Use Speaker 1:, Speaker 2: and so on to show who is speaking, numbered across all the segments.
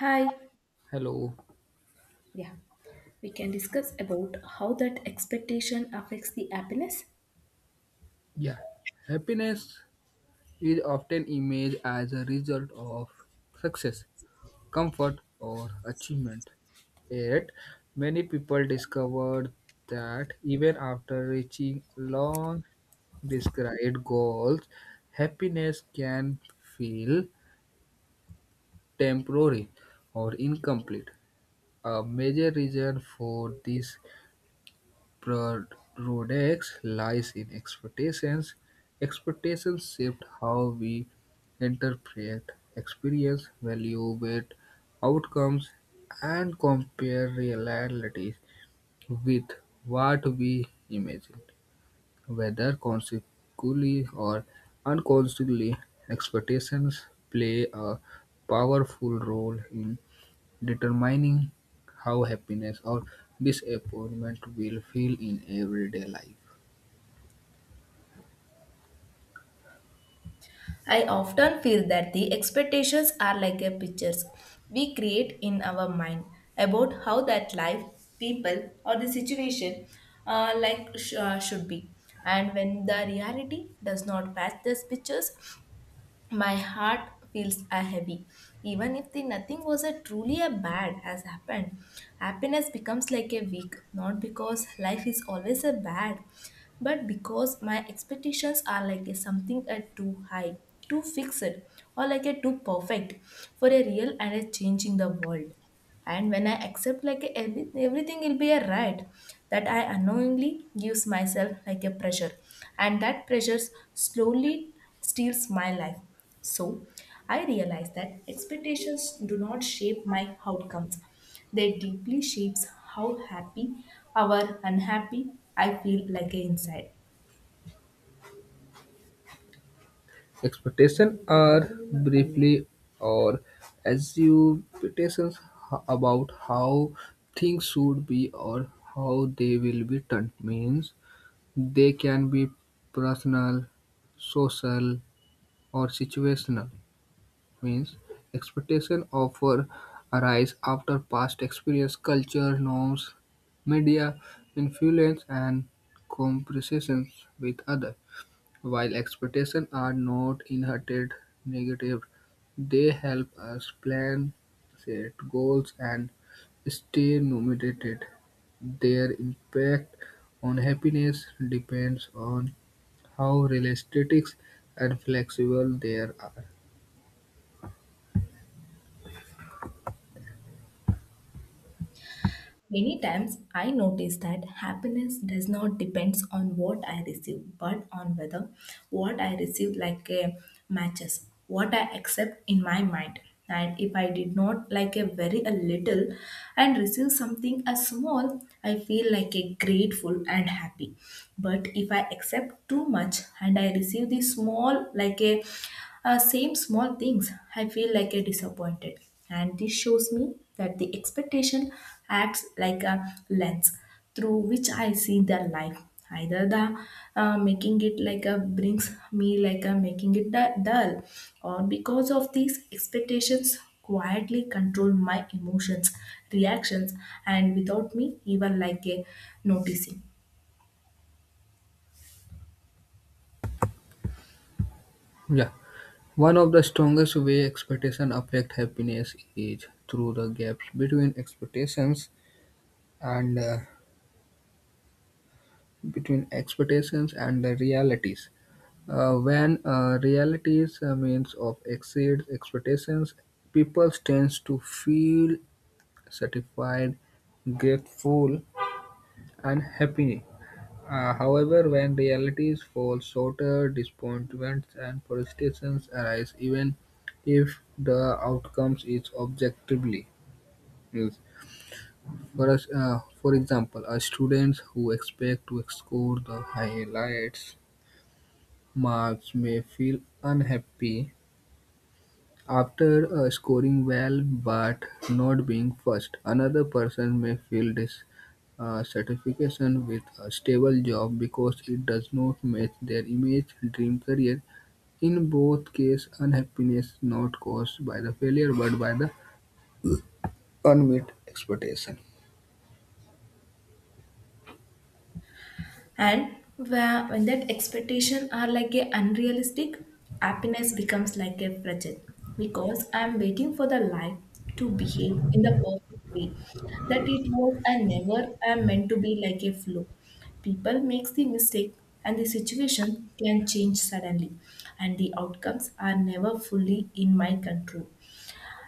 Speaker 1: Hi.
Speaker 2: Hello.
Speaker 1: Yeah, we can discuss about how that expectation affects the happiness.
Speaker 2: Yeah. Happiness is often imaged as a result of success, comfort, or achievement. Yet, many people discovered that even after reaching long described goals, happiness can feel temporary or incomplete. A major reason for this Rhodex lies in expectations. Expectations shift how we interpret experience, evaluate outcomes, and compare realities with what we imagine. Whether consciously or unconsciously, expectations play a powerful role in determining how happiness or disappointment will feel in everyday life.
Speaker 1: I often feel that the expectations are like a pictures we create in our mind about how that life, people, or the situation like should be. And when the reality does not match these pictures, my heart feels a heavy even if the nothing was a truly a bad has happened. Happiness becomes like a weak, not because life is always a bad, but because my expectations are like a something a too high, too fixed, or like a too perfect for a real and a changing the world. And when I accept like everything will be a right, that I unknowingly gives myself like a pressure. And that pressure slowly steals my life. So I realize that expectations do not shape my outcomes, they deeply shapes how happy or unhappy I feel like inside.
Speaker 2: Expectations are briefly or assumptions about how things should be or how they will be done means they can be personal, social, or situational. Means expectations often arise after past experience, culture, norms, media influence, and comparisons with others. While expectations are not inherited negative, they help us plan, set goals, and stay motivated. Their impact on happiness depends on how realistic and flexible they are.
Speaker 1: Many times I notice that happiness does not depend on what I receive, but on whether what I receive like a matches what I accept in my mind. And if I did not like a very a little and receive something as small, I feel like a grateful and happy. But if I accept too much and I receive the small like a same small things, I feel like a disappointed. And this shows me that the expectation acts like a lens through which I see their life. Either the making it like a brings me like a making it dull, or because of these expectations quietly control my emotions, reactions, and without me even like a noticing.
Speaker 2: Yeah. One of the strongest way expectations affect happiness is through the gaps and uh, between expectations and the realities. When realities means of exceeds expectations, people tends to feel satisfied, grateful, and happy. However, when realities fall shorter, disappointments and frustrations arise, even if the outcomes is objectively. Yes. For us, for example, students who expect to score the highlights marks may feel unhappy after scoring well but not being first. Another person may feel this uh, with a stable job because it does not match their image dream career. In both cases, unhappiness not caused by the failure but by the unmet expectation.
Speaker 1: And where, when that expectation are like a unrealistic, happiness becomes like a fragile because I'm waiting for the life to behave in the perfect way that it was and never am meant to be like a flow. People makes the mistake, and the situation can change suddenly, and the outcomes are never fully in my control,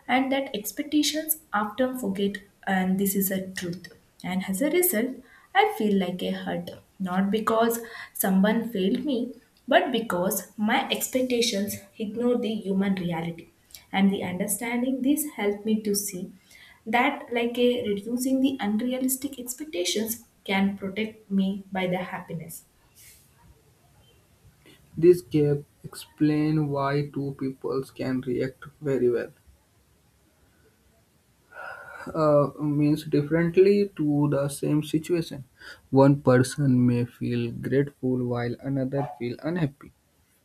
Speaker 1: and that expectations often forget, and this is a truth. And as a result, I feel like a hurt, not because someone failed me, but because my expectations ignore the human reality. And the understanding this helped me to see that like a reducing the unrealistic expectations can protect me by the happiness.
Speaker 2: This gap explain why two peoples can react very well, means differently to the same situation. One person may feel grateful while another feel unhappy,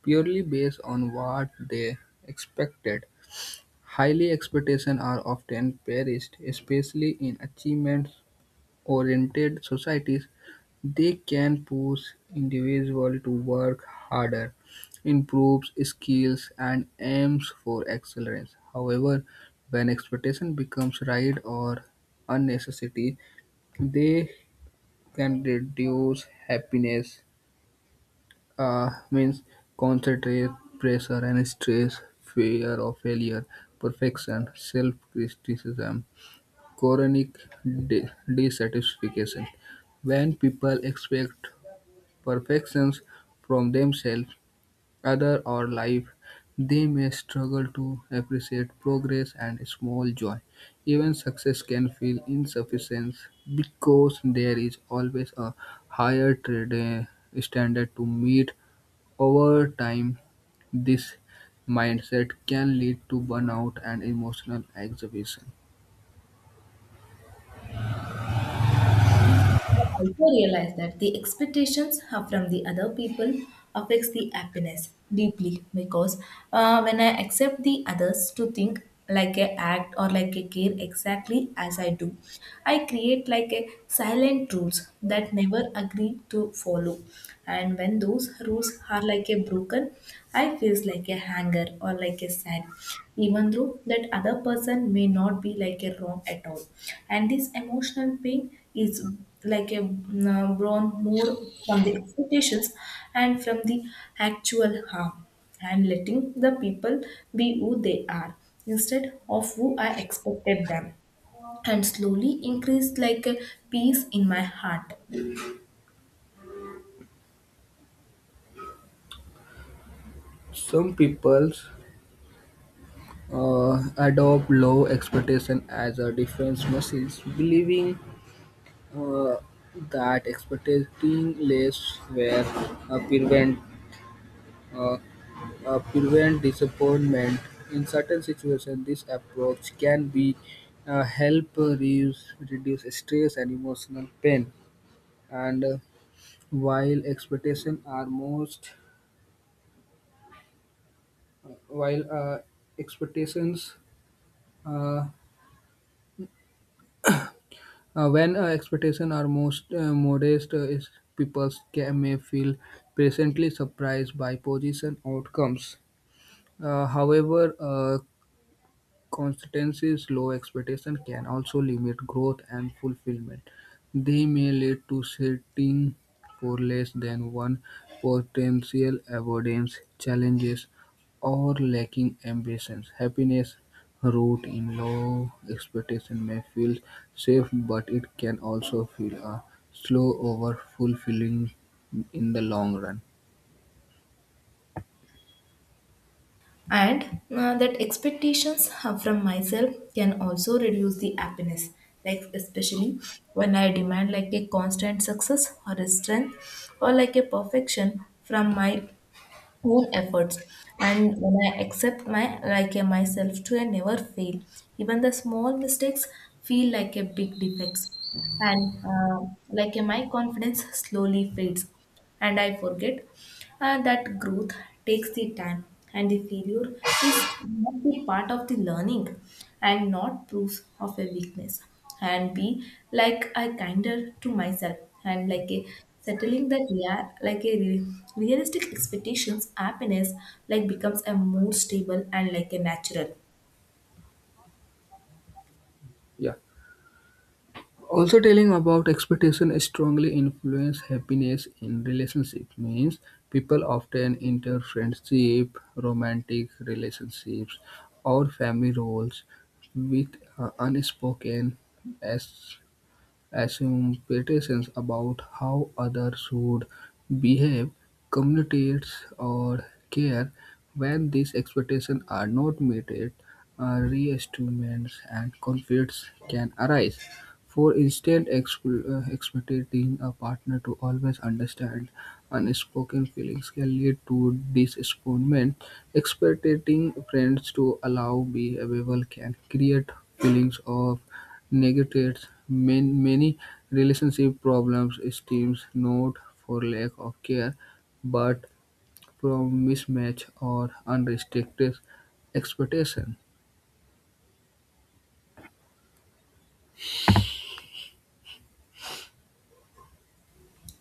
Speaker 2: purely based on what they expected. Highly expectations are often perished, especially in achievement-oriented societies. They can push individuals to work harder, improves skills, and aims for excellence. However, when expectation becomes right or unnecessary, they can reduce happiness, means concentrate pressure and stress, fear of failure, perfection, self-criticism, chronic di- dissatisfaction. When people expect perfections from themselves, other, or life, they may struggle to appreciate progress and small joy. Even success can feel insufficient because there is always a higher standard to meet. Over time, this mindset can lead to burnout and emotional exhaustion.
Speaker 1: I also realize that the expectations are from the other people affects the happiness deeply because when I accept the others to think like a act or like a care exactly as I do, I create like a silent rules that never agree to follow. And when those rules are like a broken, I feels like a anger or like a sad, even though that other person may not be like a wrong at all. And this emotional pain is like a born more from the expectations and from the actual harm, and letting the people be who they are instead of who I expected them, and slowly increased like a peace in my heart.
Speaker 2: Some people adopt low expectation as a defense message, believing uh, that expecting less were uh, prevent uh, prevent disappointment in certain situations. This approach can be help reduce stress and emotional pain. And while expectations are most while expectations uh, when expectations are most modest is people may feel presently surprised by position outcomes. However, Constance's low expectation can also limit growth and fulfillment. They may lead to setting for less than one potential avoidance challenges or lacking ambitions. Happiness root in low expectation may feel safe, but it can also feel a slow over fulfilling in the long run.
Speaker 1: And that expectations from myself can also reduce the happiness, like especially when I demand like a constant success or a strength or like a perfection from my own efforts. And when I accept my like a myself to a never fail, even the small mistakes feel like a big defects. And like my confidence slowly fades, and I forget that growth takes the time and the failure is not the part of the learning and not proof of a weakness. And be like I kinder to myself and like a settling that yeah like a realistic expectations happiness like becomes a more stable and like a natural.
Speaker 2: Yeah. Also telling about expectation strongly influence happiness in relationship means people often enter friendship romantic relationships or family roles with unspoken as assumptions about how others should behave, communicate, or care. When these expectations are not met, reestimates and conflicts can arise. For instance, expecting a partner to always understand unspoken feelings can lead to disappointment. Expecting friends to allow behavioral can create feelings of negates many relationship problems stems not for lack of care but from mismatch or unrestricted expectation.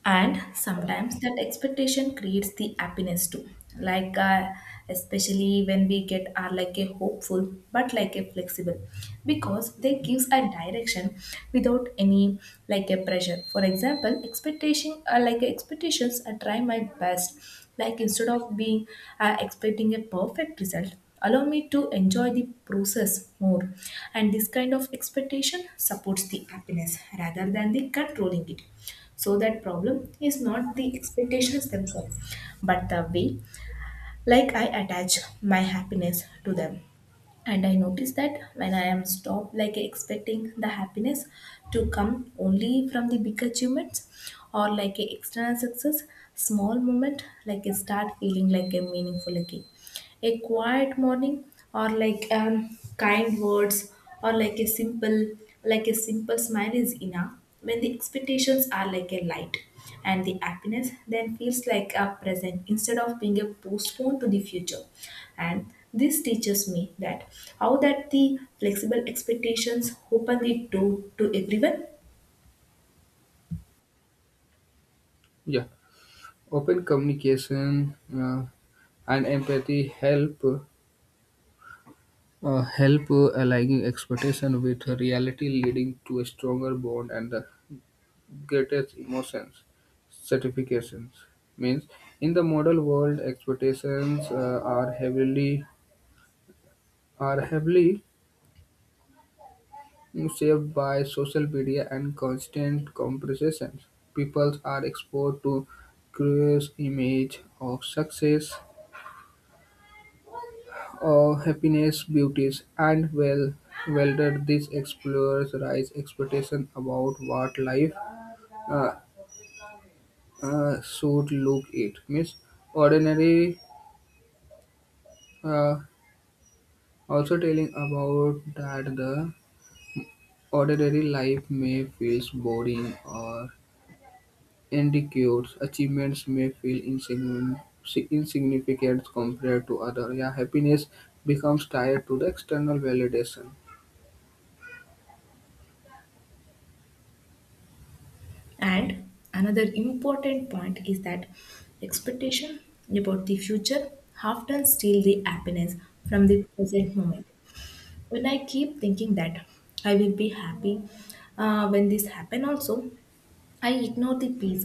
Speaker 1: And sometimes that expectation creates the happiness too, like especially when we get are like a hopeful but like a flexible, because they gives a direction without any like a pressure. For example expectation like expectations I try my best, like instead of being expecting a perfect result allow me to enjoy the process more. And this kind of expectation supports the happiness rather than the controlling it. So that problem is not the expectations themselves, but the way like I attach my happiness to them. And I notice that when I am stopped like expecting the happiness to come only from the big achievements or like a external success, small moment like a start feeling like a meaningful again, a quiet morning or like kind words or like a simple smile is enough when the expectations are like a light. And the happiness then feels like a present instead of being a postponed to the future. And this teaches me that how that the flexible expectations open the door to everyone.
Speaker 2: Yeah, open communication and empathy help aligning expectation with reality, leading to a stronger bond and the greatest emotions certifications means in the model world expectations are heavily shaped by social media and constant comparisons. People are exposed to curious image of success, of happiness, beauties, and well, whether these explorers rise expectation about what life uh, should look it. Means ordinary uh, also telling about that the ordinary life may feels boring or individuals' achievements may feel insignificant compared to others, yet happiness becomes tied to the external validation.
Speaker 1: And another important point is that expectation about the future often steal the happiness from the present moment. When I keep thinking that I will be happy when this happen also, I ignored the peace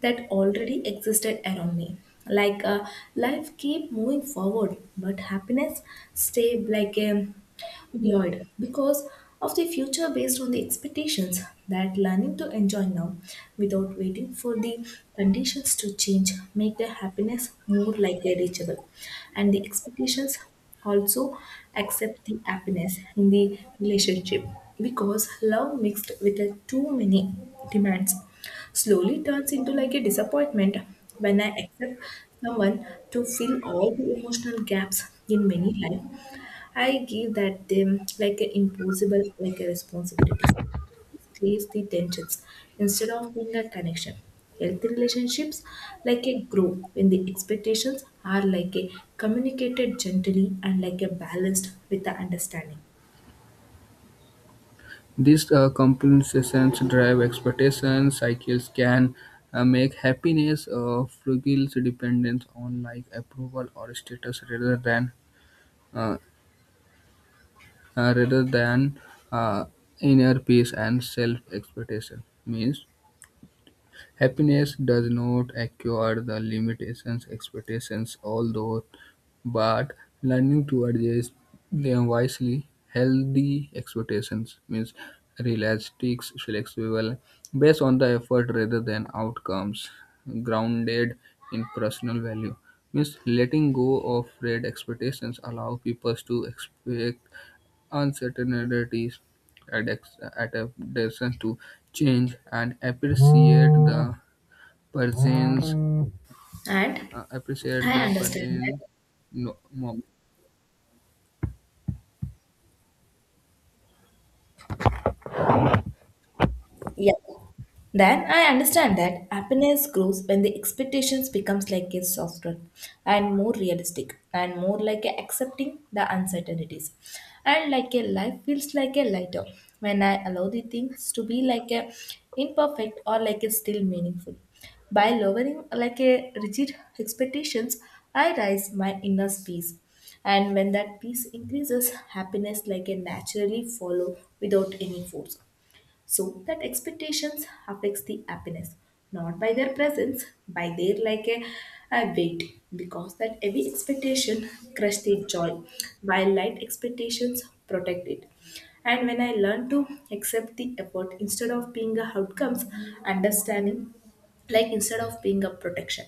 Speaker 1: that already existed around me. Like life keep moving forward, but happiness stayed like a void because of the future based on the expectations that learning to enjoy now without waiting for the conditions to change make the happiness more like a reachable. And the expectations also accept the happiness in the relationship because love mixed with a too many demands slowly turns into like a disappointment. When I accept someone to fill all the emotional gaps in many life, I give that them like an impossible like a responsibilities creates the tensions instead of being a connection. Healthy relationships like a grow when the expectations are like a communicated gently and like a balanced with the understanding.
Speaker 2: These compensations drive expectation cycles can make happiness fragile dependent on like approval or status uh, rather than uh, inner peace and self expectation means happiness does not acquire the limitations expectations, although, but learning to adjust them wisely, healthy expectations means realistic, flexible, based on the effort rather than outcomes, grounded in personal value. Means letting go of red expectations allow people to expect uncertainties, adaptation to change, and appreciate the Persons.
Speaker 1: And
Speaker 2: Appreciate
Speaker 1: I
Speaker 2: the
Speaker 1: understand that.
Speaker 2: Persian. No, mom-
Speaker 1: Yeah. Then I understand that happiness grows when the expectations becomes like a softer and more realistic and more like a accepting the uncertainties. And like a life feels like a lighter when I allow the things to be like a imperfect or like a still meaningful. By lowering like a rigid expectations, I rise my inner peace. And when that peace increases, happiness like a naturally follow without any force. So that expectations affects the happiness, not by their presence, by their like a weight, because that heavy expectation crush the joy while light expectations protect it. And when I learn to accept the effort instead of being a outcomes understanding, like instead of being a protection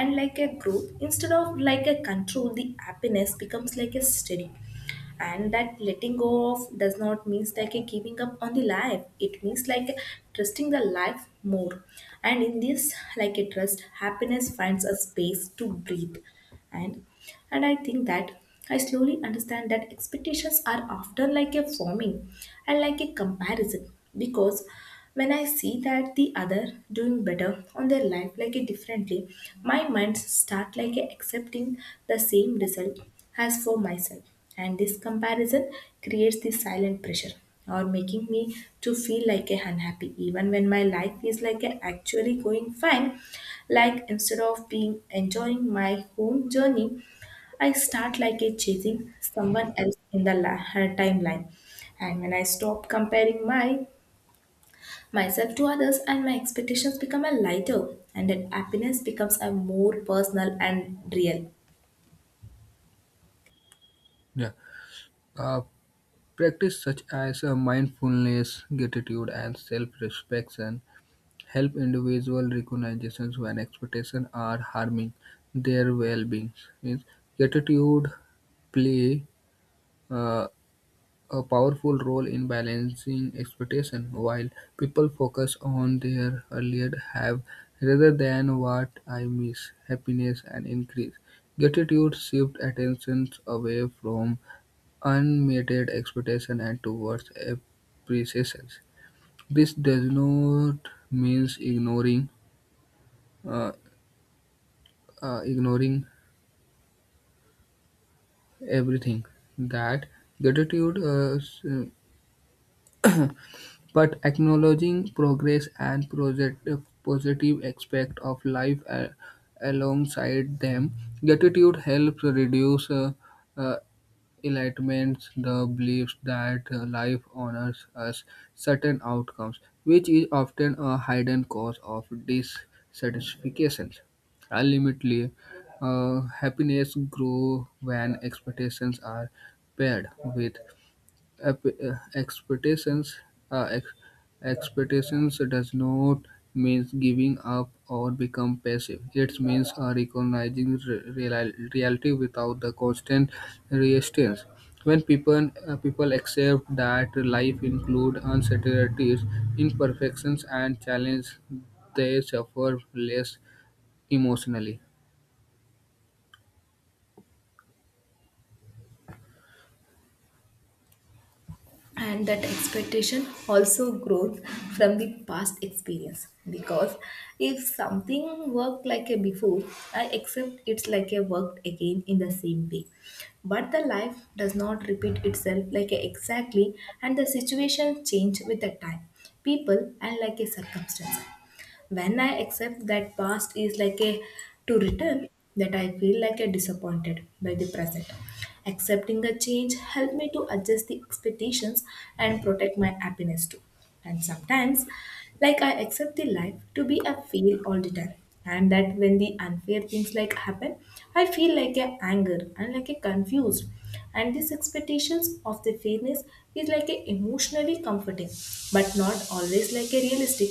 Speaker 1: and like a growth instead of like a control, the happiness becomes like a steady. And that letting go of does not means like a giving up on the life, it means like trusting the life more. And in this like a trust happiness finds a space to breathe. And and I think that I slowly understand that expectations are often like a forming and like a comparison because when I see that the other doing better on their life like a differently, my mind start like a accepting the same result as for myself. And this comparison creates this silent pressure or making me to feel like a unhappy even when my life is like a actually going fine. Like instead of being enjoying my home journey, I start like a chasing someone else in the her timeline. And when I stop comparing my myself to others, and my expectations become a lighter, and that happiness becomes a more personal and real.
Speaker 2: Yeah, uh, practice such as mindfulness, gratitude, and self-reflection help individual recognitions when expectations are harming their well-being. Means gratitude play uh, a powerful role in balancing expectation, while people focus on their earlier have rather than what I miss, happiness and increase. Gratitude shifts attention away from unmeted expectation and towards appreciations. This does not mean uh, ignoring everything that gratitude uh, s- but acknowledging progress and positive aspect of life alongside them, gratitude helps reduce uh, enlightenment, the belief that life honors us certain outcomes, which is often a hidden cause of dissatisfaction. Ultimately, happiness grows when expectations are paired with ep- uh, expectations uh, ex- expectations does not means giving up or become passive it means recognizing reality without the constant resistance when people accept that life includes uncertainties, imperfections and challenges, they suffer less emotionally.
Speaker 1: And that expectation also grows from the past experience because if something worked like a before, I accept it's like a worked again in the same way. But the life does not repeat itself like a exactly, and the situation change with the time, people, and like a circumstance. When I accept that past is like a to return, that I feel like a disappointed by the present. Accepting the change helped me to adjust the expectations and protect my happiness too. And sometimes, like I accept the life to be a fail all the time. And that when the unfair things like happen, I feel like a anger and like a confused. And these expectations of the fairness is like a emotionally comforting, but not always like a realistic.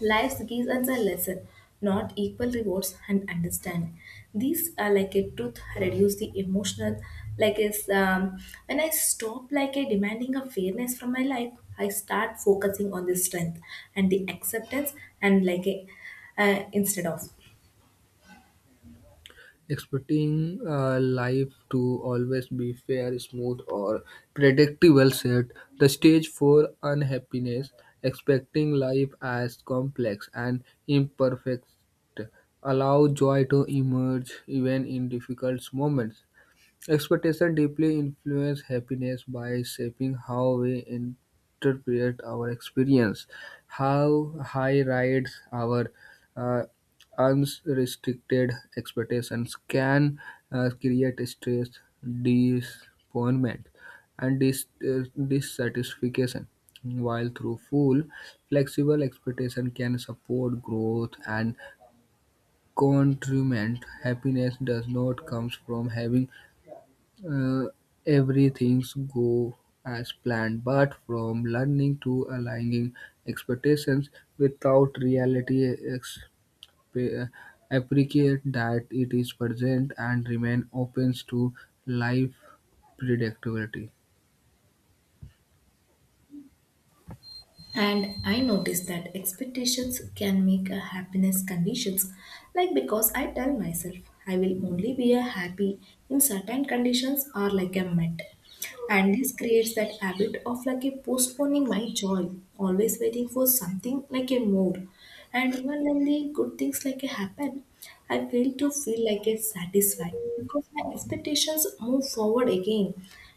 Speaker 1: Life's gives us a lesson, not equal rewards and understanding. These are like a truth reduce the emotional, like is when I stop like a demanding a fairness from my life, I start focusing on the strength and the acceptance and like a instead of.
Speaker 2: Expecting life to always be fair, smooth, or predictable set the stage for unhappiness. Expecting life as complex and imperfect allow joy to emerge even in difficult moments. Expectation deeply influence happiness by shaping how we interpret our experience, how high rides our uh, unrestricted expectations can create stress, disappointment, and dissatisfaction. While through full, flexible expectation can support growth and contribute. Happiness does not come from having uh, everything's go as planned but from learning to aligning expectations without reality uh, appreciate that it is present and remain open to life predictability.
Speaker 1: And I noticed that expectations can make a happiness conditions, like because I tell myself I will only be a happy in certain conditions or like a met. And this creates that habit of like a postponing my joy, always waiting for something like a more. And even when the good things like a happen, I fail to feel like it's satisfied because my expectations move forward again.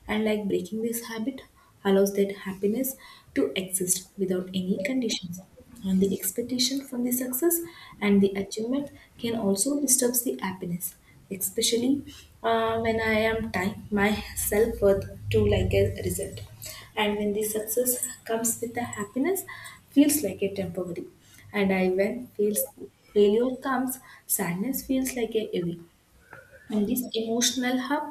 Speaker 1: And like breaking this habit allows that happiness to exist without any conditions. And the expectation from the success and the achievement can also disturb the happiness, especially when I am tying my self worth to like a result, and when the success comes with the happiness feels like a temporary, and I, when feels, failure comes, sadness feels like a heavy, and this emotional hub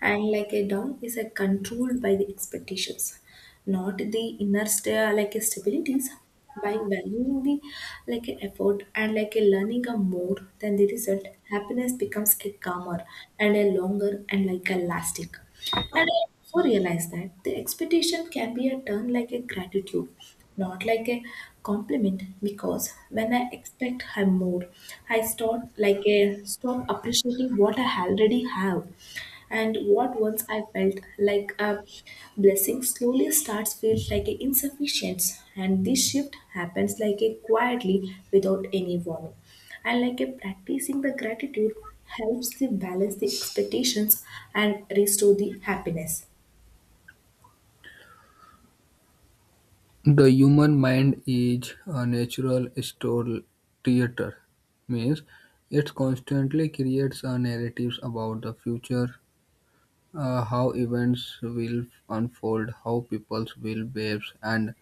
Speaker 1: and like a down is a controlled by the expectations, not the inner like stabilities. By valuing the like effort and like a learning a more than the result, happiness becomes a calmer and a longer and like a lasting. And I also realize that the expectation can be a turn like a gratitude, not like a compliment, because when I expect I more, I start like a stop appreciating what I already have, and what once I felt like a blessing slowly starts feels like a insufficient, and this shift happens like a quietly without any warning. And like a practicing the gratitude helps the balance the expectations and restore the happiness.
Speaker 2: The human mind is a natural store theater means it constantly creates a narratives about the future, how events will unfold, how people will behave, and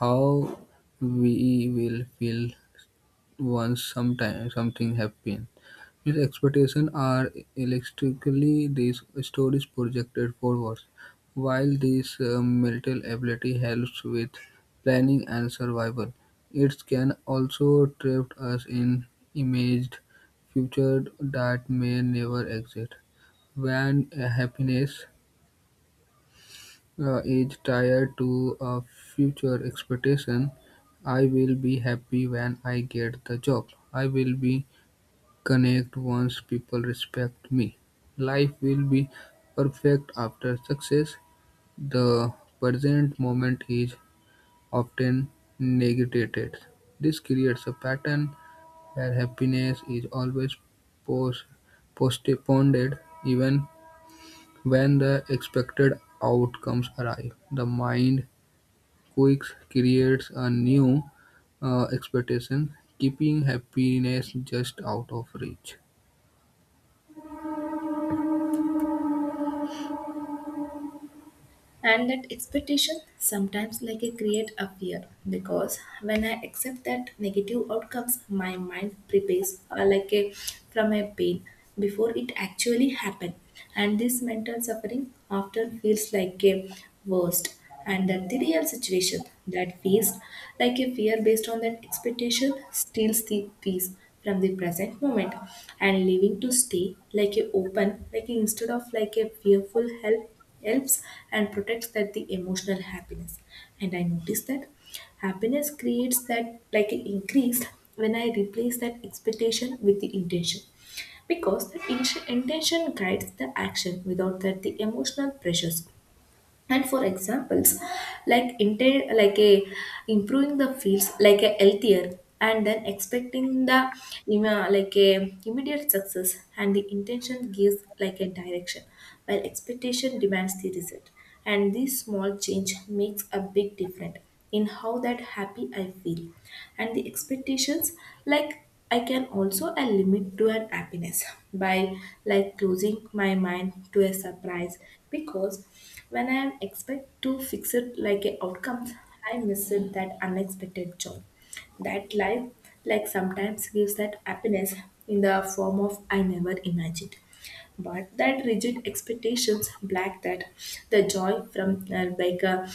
Speaker 2: how we will feel once sometime something happens. These expectations are electrically these stories projected forwards, while this mental ability helps with planning and survival. It can also trap us in imagined future that may never exist. When happiness is tied to a future expectation. I will be happy when I get the job. I will be connect once people respect me. Life will be perfect after success. The present moment is often negated. This creates a pattern where happiness is always post- postponed even when the expected outcomes arrive. The mind Quirks creates a new expectation, keeping happiness just out of reach.
Speaker 1: And that expectation sometimes like a create a fear, because when I accept that negative outcomes, my mind prepares like a from a pain before it actually happen, and this mental suffering often feels like a worst, and then the real situation that feels like a fear based on that expectation steals the peace from the present moment. And living to stay like a open like a, instead of like a fearful help helps and protects that the emotional happiness. And I noticed that happiness creates that like an increase when I replace that expectation with the intention, because the intention guides the action without that the emotional pressures. And for examples, like like a improving the fields like a healthier, and then expecting the like a immediate success, and the intention gives like a direction while expectation demands the result. And this small change makes a big difference in how that happy I feel. And the expectations, like I can also a limit to an happiness by like closing my mind to a surprise, because when I am expect to fix it like a outcome, I miss it that unexpected joy that life like sometimes gives that happiness in the form of I never imagined, but that rigid expectations black that the joy from like a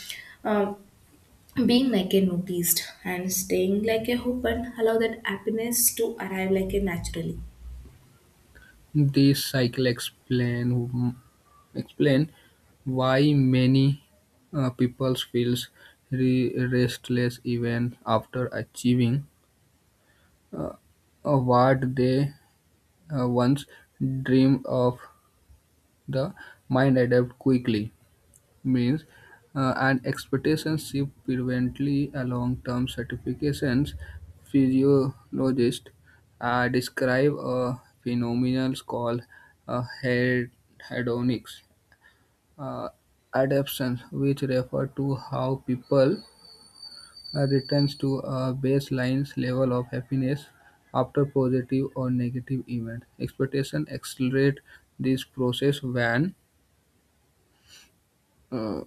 Speaker 1: being like a noticed and staying like a hope and allow that happiness to arrive like a naturally.
Speaker 2: This cycle explain why many people feels restless even after achieving uh, what they once dreamed of. The mind adapt quickly means an expectation shift frequently along term certifications. Physiologists describe a phenomenon called uh, hed- hedonic uh, adaptation, which refer to how people returns to a baseline level of happiness after positive or negative event. Expectation accelerate this process uh,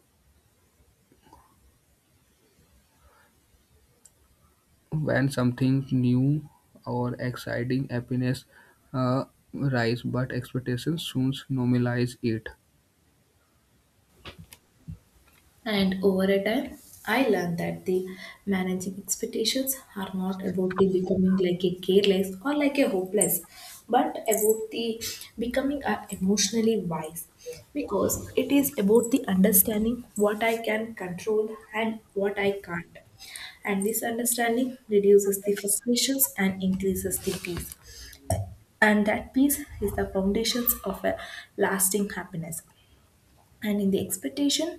Speaker 2: when something new or exciting happiness uh, rise but expectations soon normalize it.
Speaker 1: And over a time, I learned that the managing expectations are not about the becoming like a careless or like a hopeless, but about the becoming emotionally wise, because it is about the understanding what I can control and what I can't. And this understanding reduces the frustrations and increases the peace, and that peace is the foundations of a lasting happiness. And in the expectation,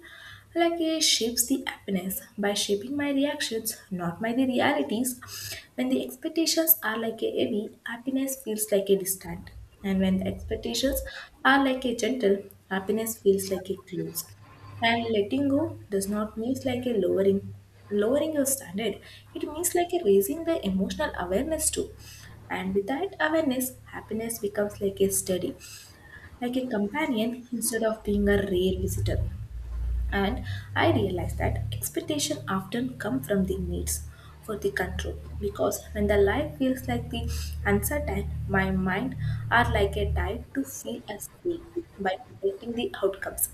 Speaker 1: like it shapes the happiness by shaping my reactions, not my the realities. When the expectations are like a heavy, happiness feels like a distant, and when the expectations are like a gentle, happiness feels like a close. And letting go does not mean like a lowering lowering your standard, it means like a raising the emotional awareness too. And with that awareness, happiness becomes like a steady, like a companion instead of being a rare visitor. And I realized that expectation often come from the needs for the control, because when the life feels like the uncertain, my mind are like a tide to feel a safe by predicting the outcomes.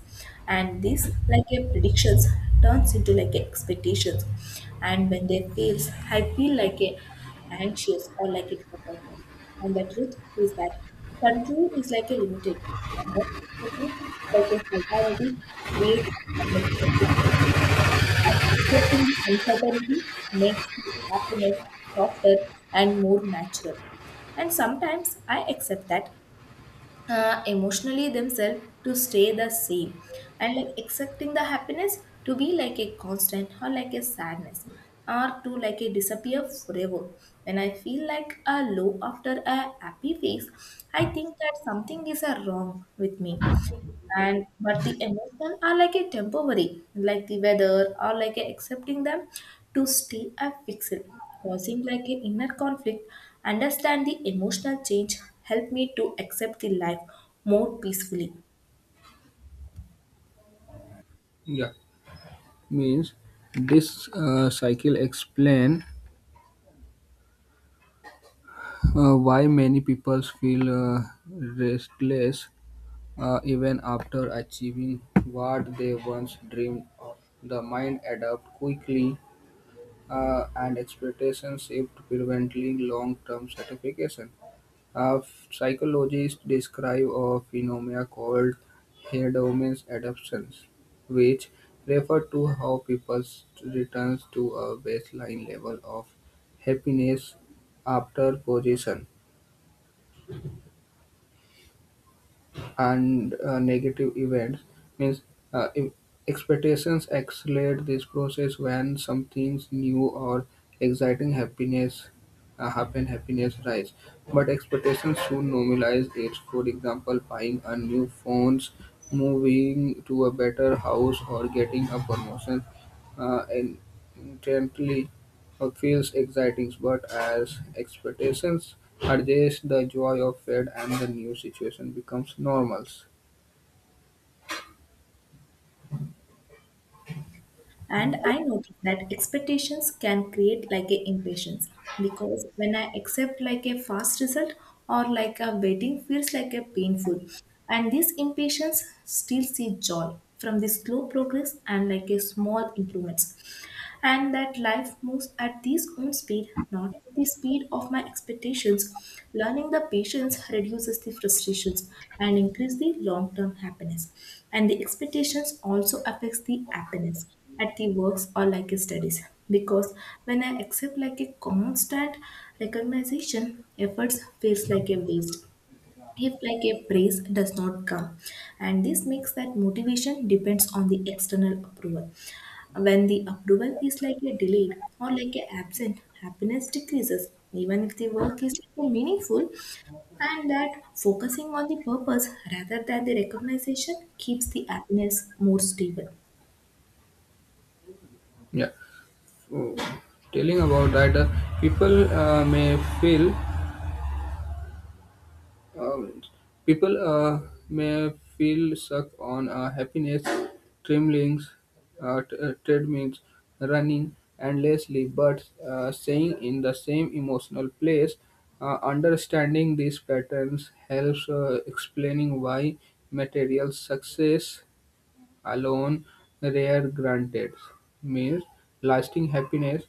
Speaker 1: And this like a predictions turns into like a expectations. And when they fails, I feel like a and shares or like it is a person. And the truth is that control is like a limited, and that perspective, like a solidarity, creates uncertainty. And accepting the uncertainty makes the happiness softer and more natural. And sometimes I accept that emotionally themselves to stay the same, and like accepting the happiness to be like a constant or like a sadness or to like a disappear forever. When I feel like a low after a happy face, I think that something is a wrong with me, and but the emotion are like a temporary, like the weather, or like a accepting them to stay a fixed, causing like an inner conflict. Understand the emotional change, help me to accept the life more peacefully.
Speaker 2: Yeah, means this cycle explain why many people feel restless even after achieving what they once dreamed of. The mind adapt quickly, and expectations shift preventing long-term satisfaction. Uh, Psychologists describe a phenomena called hedonic adaptation, which refer to how people return to a baseline level of happiness after possession. And negative events means uh, e- expectations accelerate this process when something new or exciting happiness rise but expectations soon normalize it, for example buying a new phones, moving to a better house, or getting a promotion. And intently feels exciting, but as expectations are raised, the joy of fate and the new situation becomes normal.
Speaker 1: And I noticed that expectations can create like a impatience, because when I accept like a fast result or like a waiting feels like a painful. And this impatience still see joy from the slow progress and like a small improvements, and that life moves at these own speed, not at the speed of my expectations. Learning the patience reduces the frustrations and increase the long-term happiness. And the expectations also affects the happiness at the works or like a studies, because when I accept like a constant recognition, efforts feels like a waste if like a praise does not come. And this makes that motivation depends on the external approval. When the approval is like a delayed or like a absent, happiness decreases even if the work is like a meaningful, and that focusing on the purpose rather than the recognition keeps the happiness more stable.
Speaker 2: Yeah. So, telling about that, people uh, may feel Um, people may feel stuck on happiness, tremblings, treadmills, running endlessly, but staying in the same emotional place. Understanding these patterns helps explaining why material success alone rare granted means lasting happiness.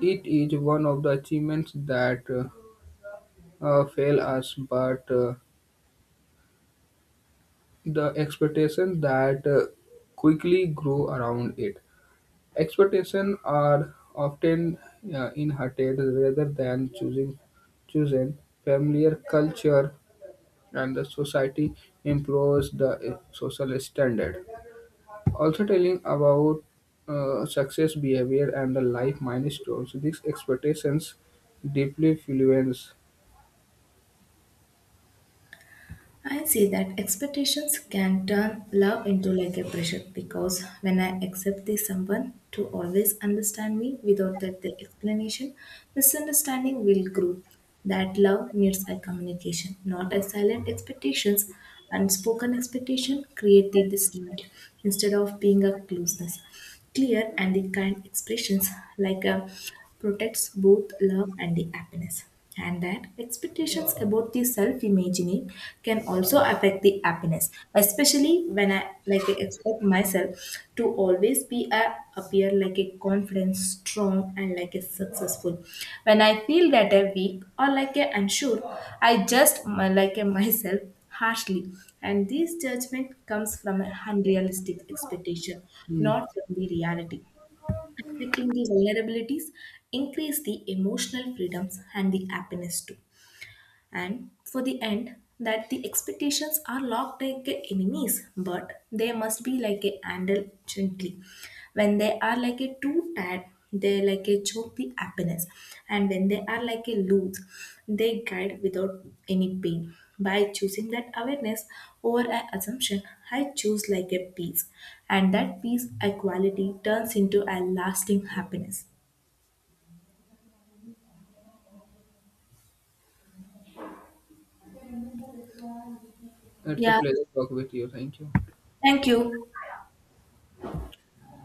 Speaker 2: It is one of the achievements that fail us, but the expectations that quickly grow around it. Expectations are often inherited rather than choosing chosen familiar culture and the society improves the social standard. Also telling about success behavior and the life milestones, these expectations deeply influence.
Speaker 1: I see that expectations can turn love into like a pressure, because when I accept this someone to always understand me without that the explanation, misunderstanding will grow. That love needs a communication, not a silent expectations. Unspoken expectation create the distinct instead of being a closeness. Clear and the kind expressions like a protects both love and the happiness. And that expectations about the self imagining can also affect the happiness, especially when I like expect myself to always be a, appear like a confident strong and like a successful. When I feel that a weak or like a unsure, I just like a myself harshly, and this judgment comes from an unrealistic expectation,
Speaker 2: Hmm.
Speaker 1: not from the reality. Accepting the vulnerabilities increase the emotional freedoms and the happiness too. And for the end, that the expectations are locked like a enemies, but they must be like a handled gently. When they are like a too tired, they like a choke the happiness, and when they are like a loose, they guide without any pain. By choosing that awareness over an assumption, I choose like a peace, and that peace equality turns into a lasting happiness.
Speaker 2: It's a pleasure to talk with you. Thank you.
Speaker 1: Thank you.